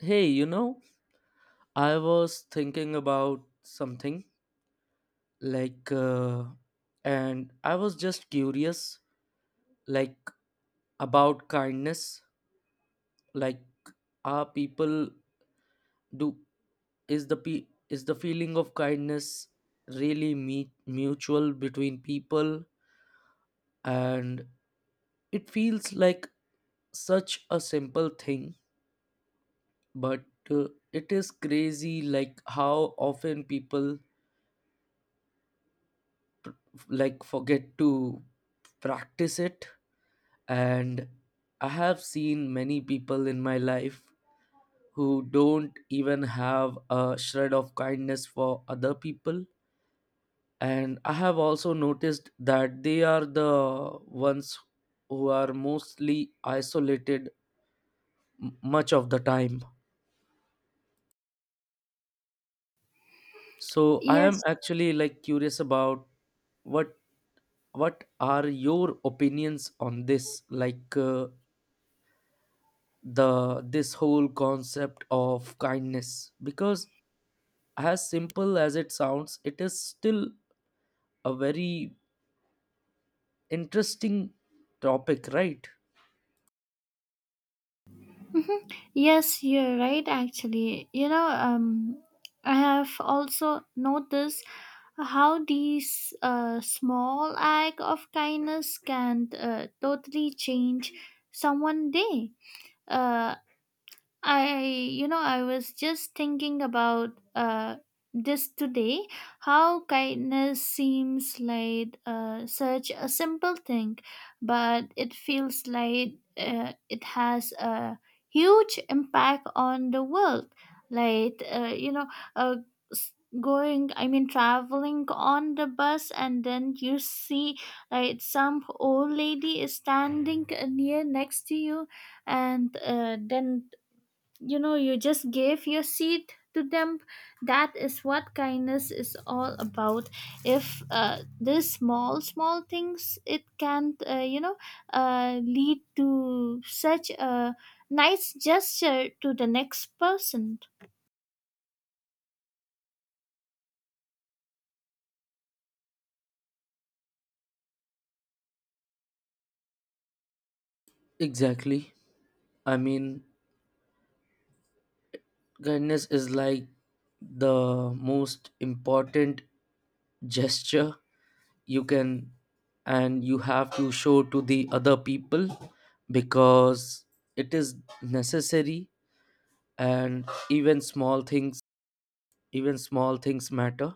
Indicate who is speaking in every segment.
Speaker 1: Hey, I was thinking about something like, and I was just curious, like, about kindness. Like, are people do is the pe is the feeling of kindness really mutual between people? And it feels like such a simple thing, but it is crazy, like how often people like forget to practice it, and I have seen many people in my life who don't even have a shred of kindness for other people, and I have also noticed that they are the ones who are mostly isolated much of the time. So I am
Speaker 2: Yes.
Speaker 1: actually like curious about what what are your opinions on this, like, the this whole concept of kindness, because as simple as it sounds, it is still a very interesting topic, right?
Speaker 2: Mhm. Yes, you're right actually. I have also noticed how these small act of kindness can totally change someone day. Uh, I was just thinking about this today, how kindness seems like such a simple thing, but it feels like it has a huge impact on the world. Like, uh, you know, uh, s- Traveling on the bus, and then you see like some old lady is standing near next to you, and then you know you just gave your seat to them. That is what kindness is all about. If this small small things, it can lead to such a nice gesture to the next person.
Speaker 1: Exactly. I mean, kindness is like the most important gesture you can, and you have to show to the other people, because it is necessary. And even small things, even small things matter,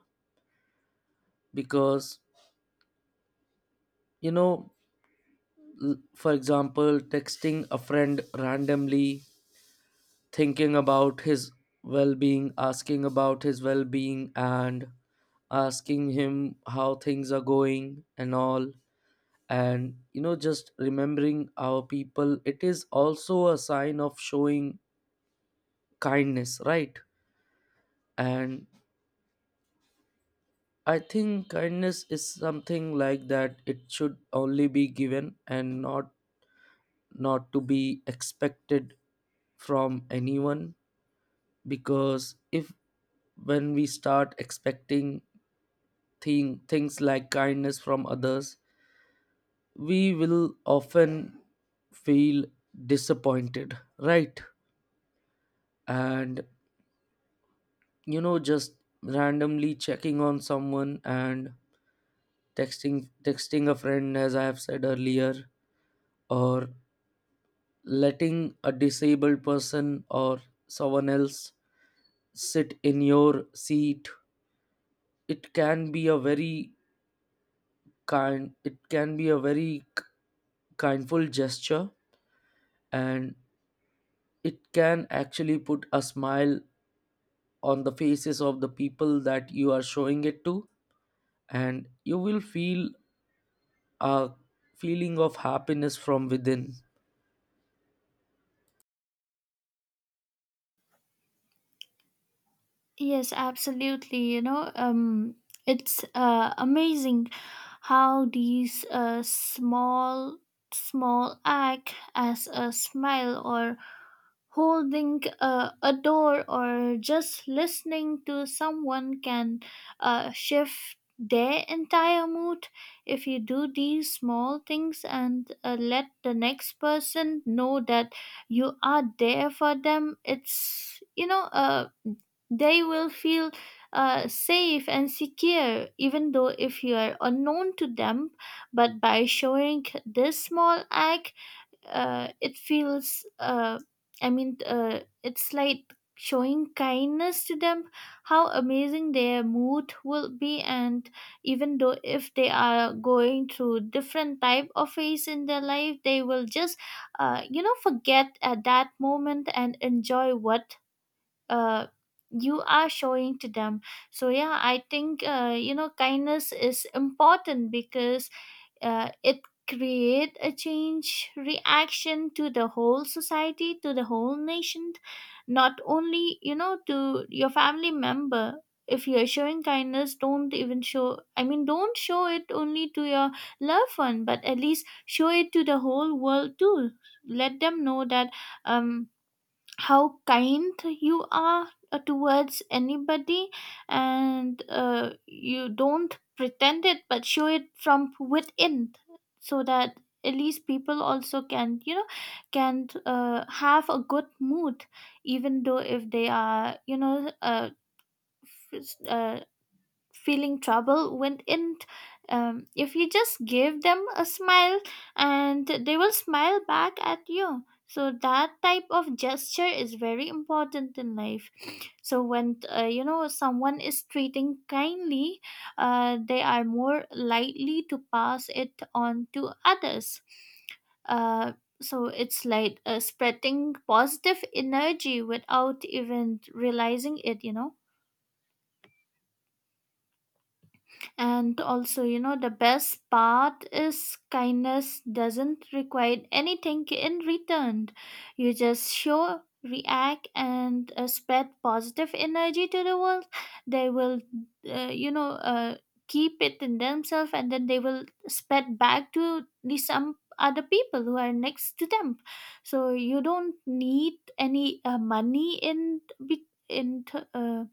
Speaker 1: because you know for example, texting a friend randomly, thinking about his well-being, asking about his well-being, and asking him how things are going and all. And just remembering our people, it is also a sign of showing kindness, right? And I think kindness is something like that, it should only be given and not to be expected from anyone, because if, when we start expecting things like kindness from others, we will often feel disappointed, right? And just randomly checking on someone, and texting a friend as I have said earlier, or letting a disabled person or someone else sit in your seat, it can be a very kind it can be a very k- kindful gesture, and it can actually put a smile on the faces of the people that you are showing it to, and you will feel a feeling of happiness from within.
Speaker 2: Yes, absolutely. It's amazing how these small small act as a smile, or holding a door, or just listening to someone can shift their entire mood. If you do these small things and let the next person know that you are there for them, it's they will feel safe and secure, even though if you are unknown to them. But by showing this small act, it feels it's like showing kindness to them. How amazing their mood will be, and even though if they are going through different type of phase in their life, they will just forget at that moment and enjoy what uh, you are showing to them. So yeah, I think kindness is important because it create a change reaction to the whole society, to the whole nation, not only to your family member. If you're showing kindness, don't even show I mean don't show it only to your loved one, but at least show it to the whole world too. Let them know that um how kind you are towards anybody. And you don't pretend it but show it from within, so that at least people also can you know can have a good mood. Even though if they are s- uh, feeling trouble with it, if you just give them a smile, and they will smile back at you. So that type of gesture is very important in life. So when someone is treating kindly, they are more likely to pass it on to others. uh, so it's like spreading positive energy without even realizing it, and also the best part is kindness doesn't require anything in return. You just show react and spread positive energy to the world. They will uh, you know uh, keep it in themselves, and then they will spread back to the some other people who are next to them. So you don't need any money in be- in th- uh,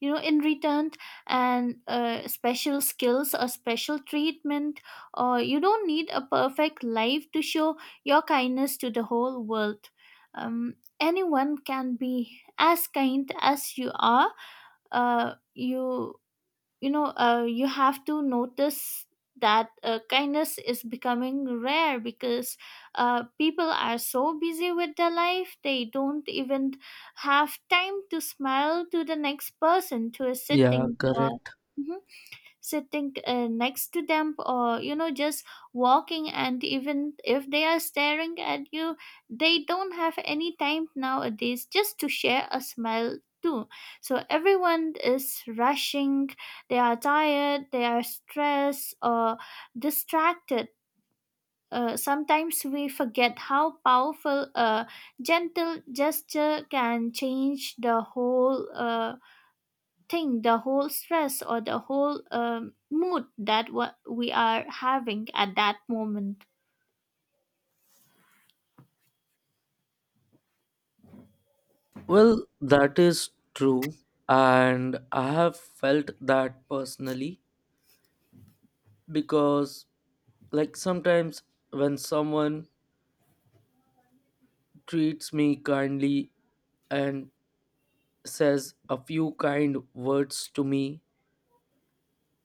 Speaker 2: in return, and special skills or special treatment, or you don't need a perfect life to show your kindness to the whole world. Anyone can be as kind as you are. uh, you you have to notice that kindness is becoming rare because people are so busy with their life, they don't even have time to smile to the next person, to a
Speaker 1: Yeah,
Speaker 2: sitting or
Speaker 1: correct.
Speaker 2: Mhm sitting next to them, or just walking, and even if they are staring at you, they don't have any time nowadays just to share a smile too. So everyone is rushing, they are tired, they are stressed or distracted. Sometimes we forget how powerful a gentle gesture can change the whole stress, or the whole mood that what we are having at that moment.
Speaker 1: Well, that is true, and I have felt that personally, because like sometimes when someone treats me kindly and says a few kind words to me.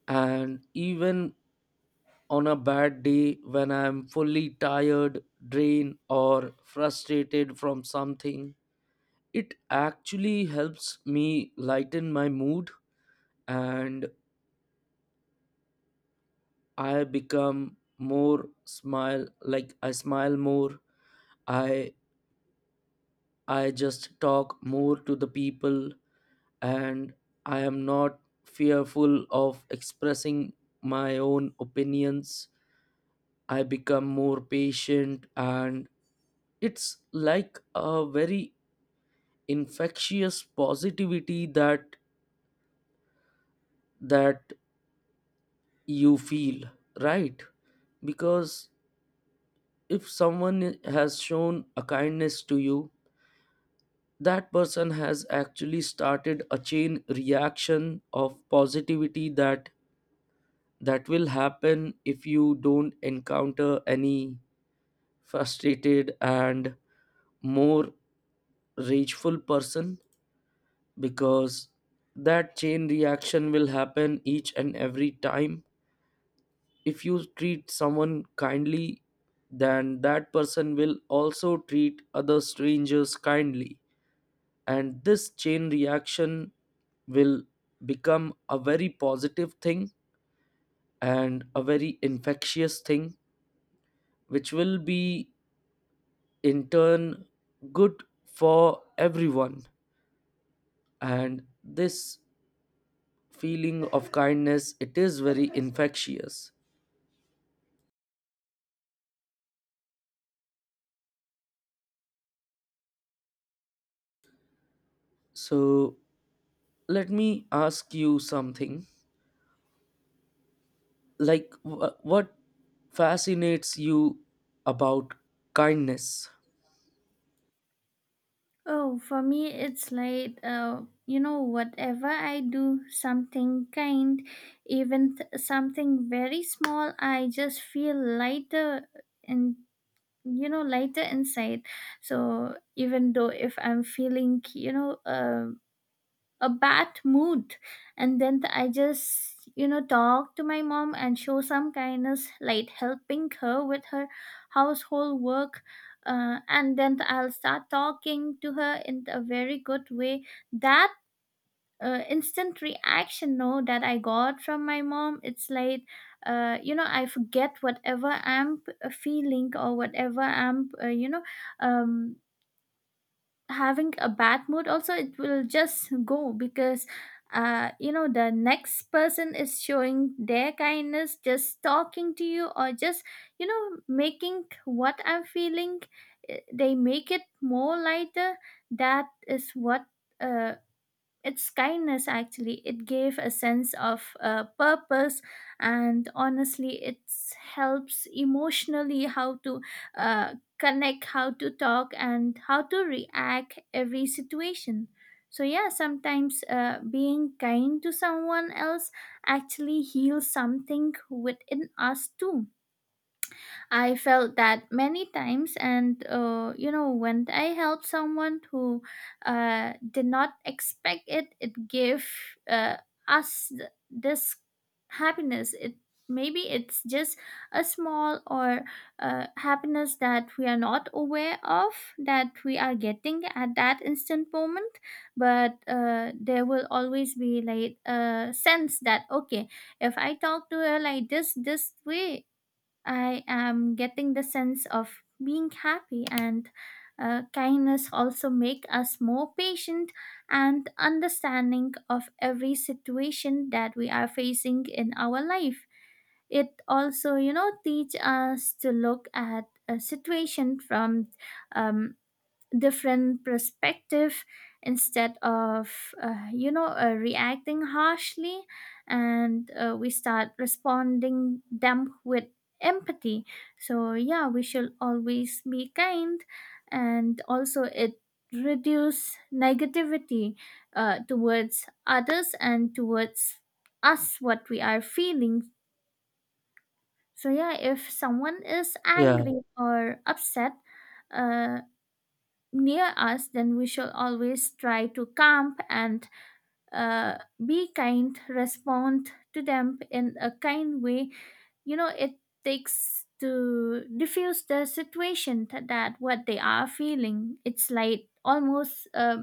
Speaker 1: And even on a bad day, when I'm fully tired, drained, or frustrated from something, it actually helps me lighten my mood, and I become more smile, like I smile more. I I just talk more to the people, and I am not fearful of expressing my own opinions. I become more patient, and it's like a very infectious positivity that that you feel, right? Because if someone has shown a kindness to you, that person has actually started a chain reaction of positivity that will happen if you don't encounter any frustrated and more rageful person, because that chain reaction will happen each and every time. If you treat someone kindly, then that person will also treat other strangers kindly, and this chain reaction will become a very positive thing and a very infectious thing, which will be, in turn, good for everyone. And this feeling of kindness, it is very infectious. So let me ask you something, like what fascinates you about kindness?
Speaker 2: Oh, for me, it's like, whatever I do, something kind, something very small, I just feel lighter and, lighter inside. So even though if I'm feeling, a bad mood, and then I just talk to my mom and show some kindness, like helping her with her household work. And then I'll start talking to her in a very good way, that instant reaction no that I got from my mom, it's like I forget whatever feeling, or whatever I'm um having a bad mood also, it will just go. Because you know the next person is showing their kindness, just talking to you or just making what I'm feeling, they make it more lighter. That is what uh its kindness actually, it gave a sense of purpose. And honestly, it helps emotionally how to connect, how to talk, and how to react every situation. So yeah, sometimes being kind to someone else actually heals something within us too. I felt that many times, and when I help someone who did not expect it, it gave uh, this happiness. It maybe it's just a small or happiness that we are not aware of, that we are getting at that instant moment, but there will always be like a sense that okay, if I talk to her like this way, I am getting the sense of being happy. And kindness also make us more patient and understanding of every situation that we are facing in our life. It also teach us to look at a situation from um, different perspective, instead of reacting harshly, and we start responding them with empathy. So yeah, we should always be kind. And also it reduce negativity towards others and towards us, what we are feeling. So yeah, if someone is
Speaker 1: Yeah,
Speaker 2: angry or upset uh, near us, then we shall always try to camp and uh, be kind, respond to them in a kind way. You know, it takes to diffuse the situation that, that what they are feeling. It's like almost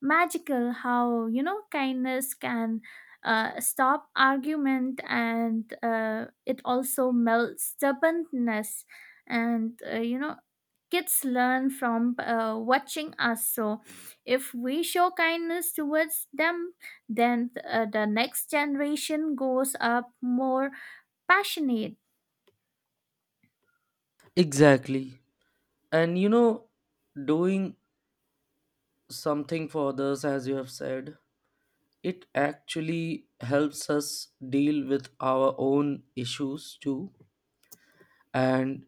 Speaker 2: magical how, kindness can. Stop argument, and it also melts stubbornness. And kids learn from watching us, so if we show kindness towards them, then the next generation goes up more passionate.
Speaker 1: exactly. And doing something for others, as you have said, it actually helps us deal with our own issues too. And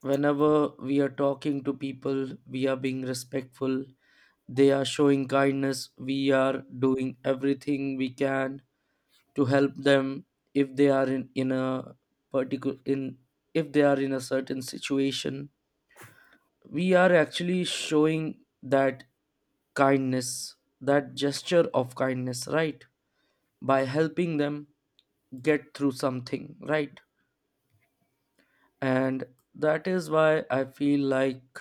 Speaker 1: whenever we are talking to people, we are being respectful, they are showing kindness, we are doing everything we can to help them. If they are in a particular, in, if they are in a certain situation, we are actually showing that kindness, that gesture of kindness, right, by helping them get through something, right? And that is why I feel like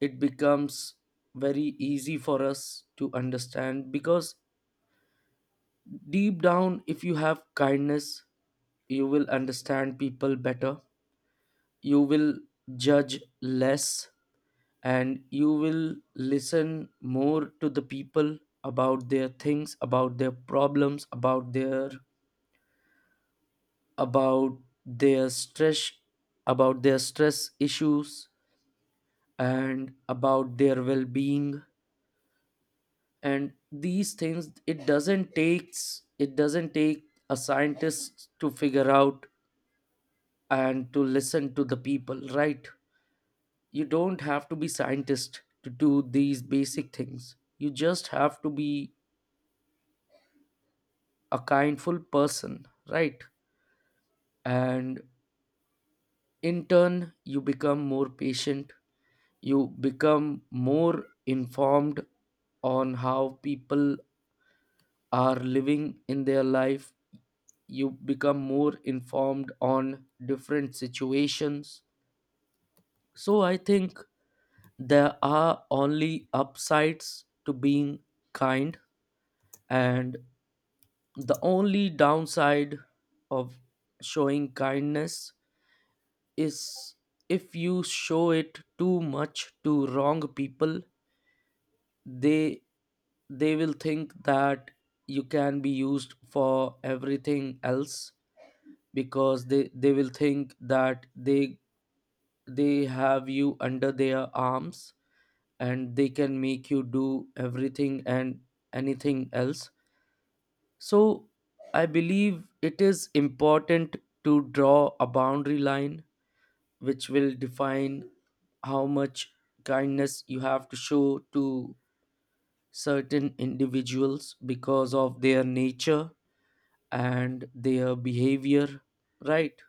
Speaker 1: it becomes very easy for us to understand, because deep down if you have kindness, you will understand people better, you will judge less, and you will listen more to the people, about their things, about their problems, about about their stress, about their stress issues, and about their well-being. And these things, it doesn't take a scientist to figure out and to listen to the people, right? You don't have to be scientist to do these basic things, you just have to be a kindful person, right? And in turn, you become more patient, you become more informed on how people are living in their life, you become more informed on different situations. So I think there are only upsides to being kind, and the only downside of showing kindness is, if you show it too much to wrong people, they they will think that you can be used for everything else, because they will think that they have you under their arms, and they can make you do everything and anything else. So I believe it is important to draw a boundary line, which will define how much kindness you have to show to certain individuals, because of their nature and their behavior, right?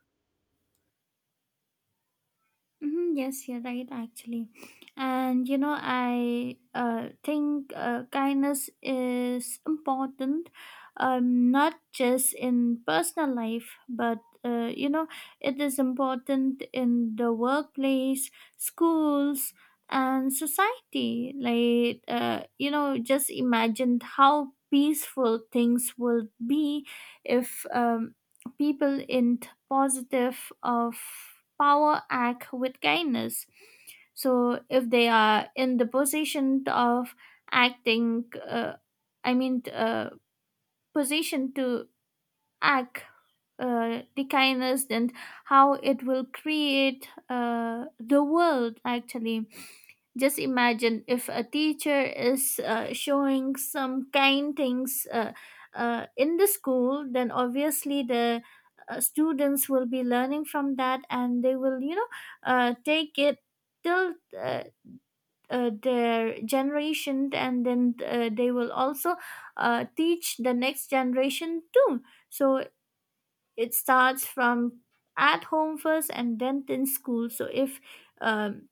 Speaker 2: Hmm, yes, you're right, actually. And you know, I think kindness is important, not just in personal life, but uh, you know, it is important in the workplace, schools, and society. Like, just imagine how peaceful things would be if people in positive of power act with kindness. So if they are in the position of acting i mean uh, position to act the kindness, and how it will create the world actually. Just imagine if a teacher is showing some kind things in the school, then obviously the students will be learning from that, and they will take it till their generation, and then they will also teach the next generation too. So it starts from at home first, and then in school. So if um,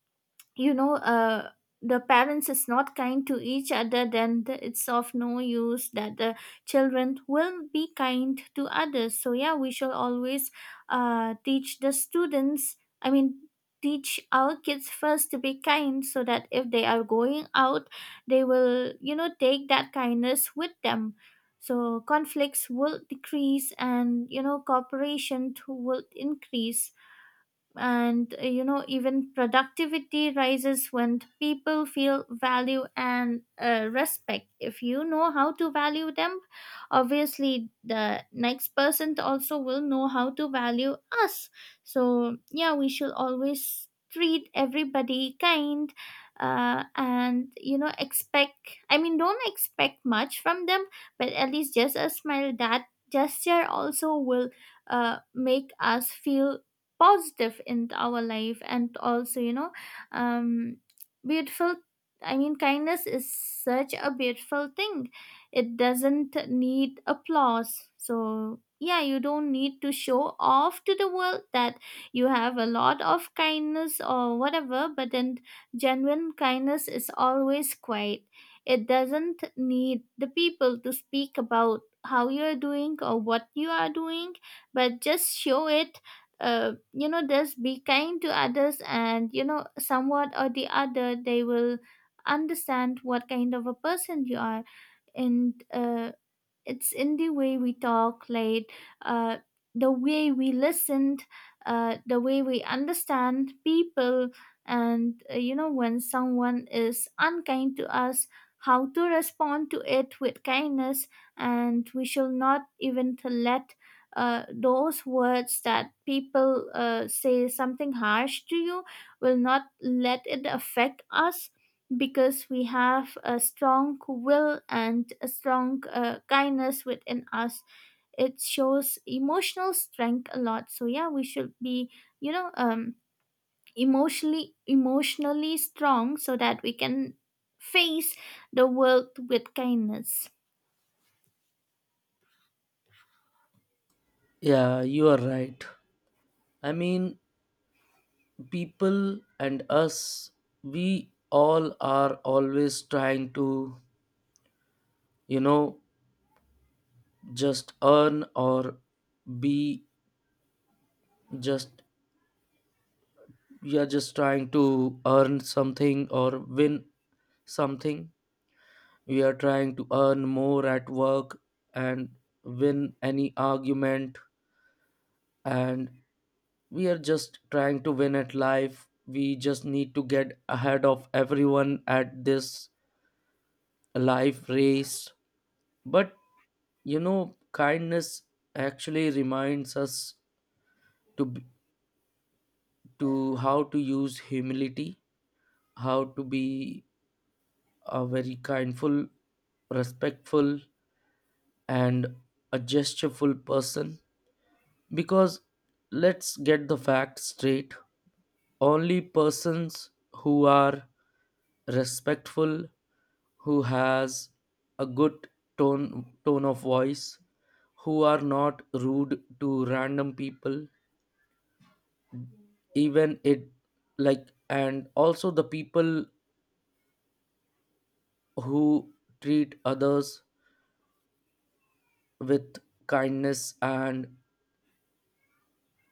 Speaker 2: you know uh, the parents is not kind to each other, then the, it's of no use that the children will be kind to others. So yeah, we shall always teach the students I mean teach our kids first to be kind, so that if they are going out, they will take that kindness with them. So conflicts will decrease, and cooperation too will increase. And even productivity rises when people feel value and respect. If you know how to value them, obviously the next person also will know how to value us. So yeah, we should always treat everybody kind. And you know, expect I mean don't expect much from them, but at least just a smile. That gesture also will make us feel positive in our life. And also um beautiful, I mean kindness is such a beautiful thing. It doesn't need applause. So yeah, you don't need to show off to the world that you have a lot of kindness or whatever. But then genuine kindness is always quiet. It doesn't need the people to speak about how you are doing or what you are doing, but just show it. Just be kind to others, and you know somewhat or the other they will understand what kind of a person you are. And it's in the way we talk late, uh, the way we listened, the way we understand people. And when someone is unkind to us, how to respond to it with kindness. And we shall not even to let those words that people say something harsh to You will not let it affect us because we have a strong will and a strong kindness within us. It shows emotional strength a lot, so yeah, we should be you know um emotionally strong so that we can face the world with kindness.
Speaker 1: Yeah, you are right. I mean, people and us, we all are always trying to, you know just earn or be, just we are just trying to earn something or win something. We are trying to earn more at work, and win any argument, and we are just trying to win at life, we just need to get ahead of everyone at this life race. But kindness actually reminds us, to b- to how to use humility, how to be a very kindful, respectful, and a gestureful person. Because let's get the facts straight, only persons who are respectful, who has a good tone of voice, who are not rude to random people, even it like, and also the people who treat others with kindness, and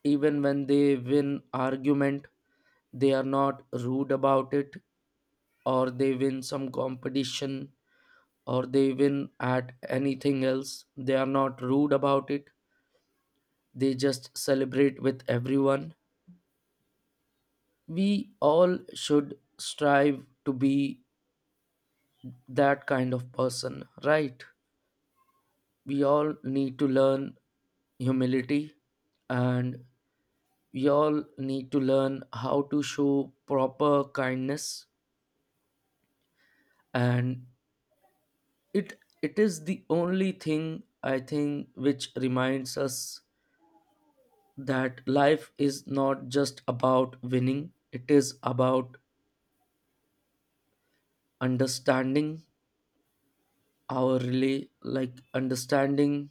Speaker 1: even when they win argument, they are not rude about it, or they win some competition, or they win at anything else, they are not rude about it, they just celebrate with everyone. We all should strive to be that kind of person, right? We all need to learn humility, and we all need to learn how to show proper kindness. And it is the only thing, I think, which reminds us that life is not just about winning, it is about understanding, our relay like understanding,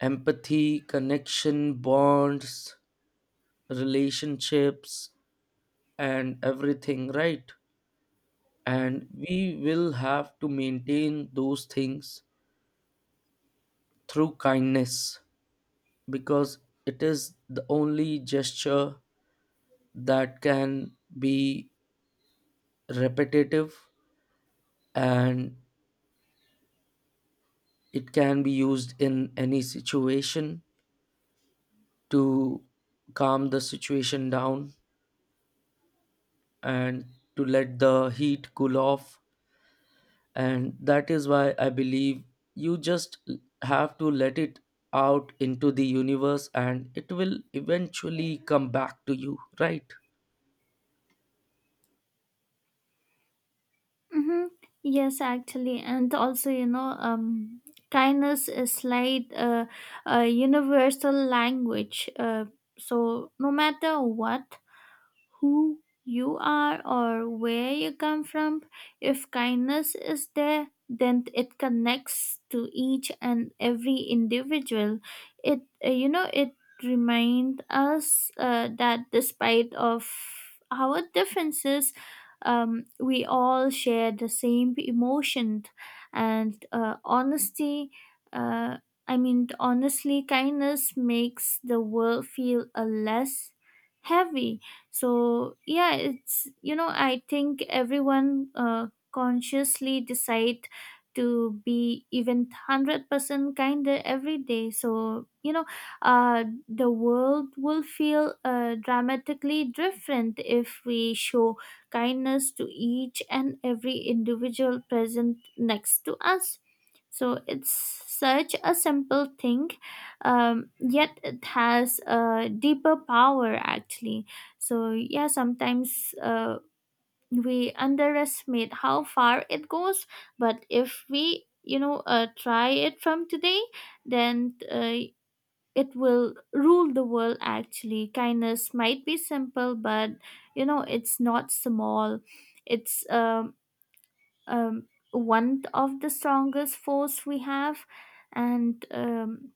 Speaker 1: empathy, connection, bonds, relationships, and everything, right? And we will have to maintain those things through kindness, because it is the only gesture that can be repetitive, and it can be used in any situation to calm the situation down and to let the heat cool off. And that is why I believe you just have to let it out into the universe, and it will eventually come back to you, right?
Speaker 2: Mm-hmm. Yes, actually, and also kindness is like a universal language, so no matter what, who you are or where you come from. If kindness is there, then it connects to each and every individual. It it reminds us that despite of our differences, we all share the same emotion and honesty. Uh, I mean, honestly, kindness makes the world feel a less heavy. So yeah, it's, you know, I think everyone consciously decide to be even 100% kinder every day. So you know, uh, the world will feel dramatically different if we show kindness to each and every individual present next to us. So it's such a simple thing, yet it has a deeper power, actually. So yeah, sometimes we underestimate how far it goes. But if we, you know, try it from today, then it will rule the world. Actually, kindness might be simple, but you know, it's not small. It's one of the strongest force we have, and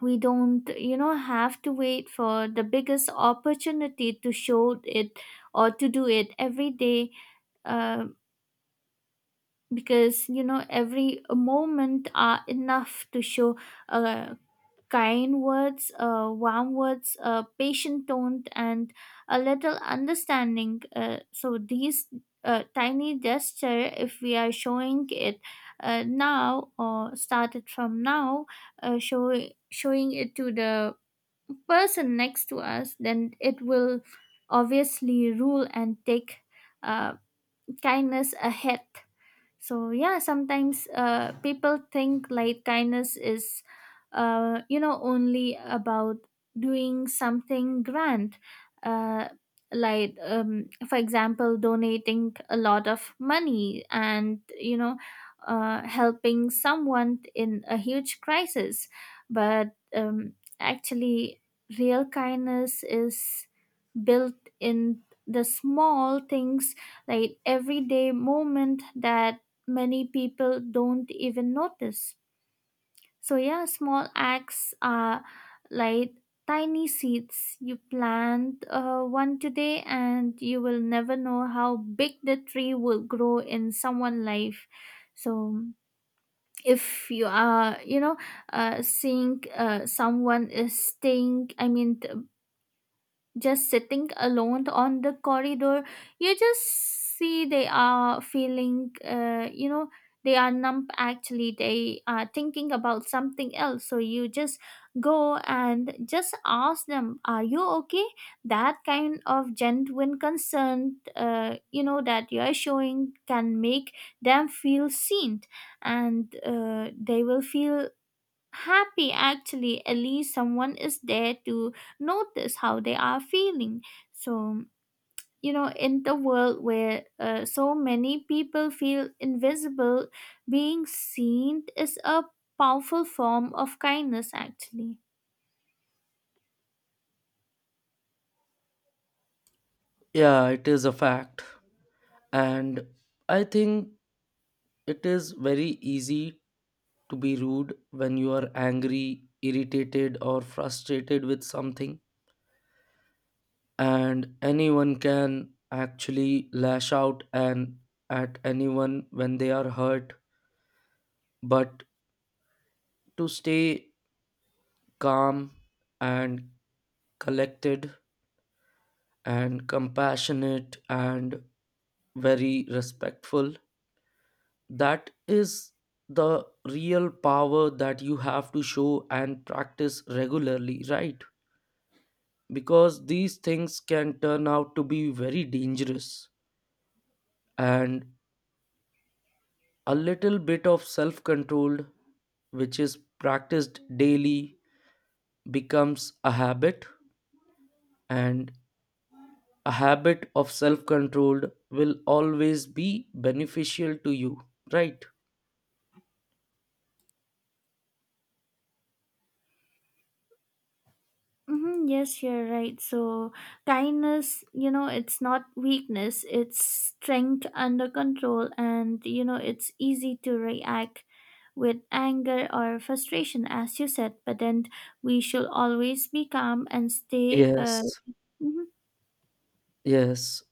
Speaker 2: we don't, you know, have to wait for the biggest opportunity to show it or to do it every day, uh, because you know every moment are enough to show uh, kind words, warm words, patient tone and a little understanding. So these tiny gesture, if we are showing it now or started from now, uh, show, showing it to the person next to us, then it will obviously rule and take uh, kindness ahead. So yeah, sometimes people think like kindness is you know only about doing something grand, uh, like for example donating a lot of money and you know helping someone in a huge crisis. But actually real kindness is built in the small things, like everyday moment that many people don't even notice. So yeah, small acts are like tiny seeds. You plant one today, and you will never know how big the tree will grow in someone's life. So, if you are, you know, seeing someone is staying, I mean, just sitting alone on the corridor, you just see they are feeling, you know, they are numb, actually they are thinking about something else, so you just go and just ask them, are you okay? That kind of genuine concern, you know, that you are showing can make them feel seen, and they will feel happy, actually at least someone is there to notice how they are feeling. So you know, in the world where so many people feel invisible, being seen is a powerful form of kindness, actually.
Speaker 1: Yeah, it is a fact. And I think it is very easy to be rude when you are angry, irritated, or frustrated with something, and anyone can actually lash out and at anyone when they are hurt. But to stay calm and collected and compassionate and very respectful. That is the real power that you have to show and practice regularly, right? Because these things can turn out to be very dangerous. And a little bit of self control, which is practiced daily, becomes a habit. And a habit of self control will always be beneficial to you, right?
Speaker 2: Mm-hmm, yes, you're right. So, kindness, you know, it's not weakness, it's strength under control, and, you know, it's easy to react with anger or frustration, as you said, but then we should always be calm and stay.
Speaker 1: Yes,
Speaker 2: Mhm.
Speaker 1: yes.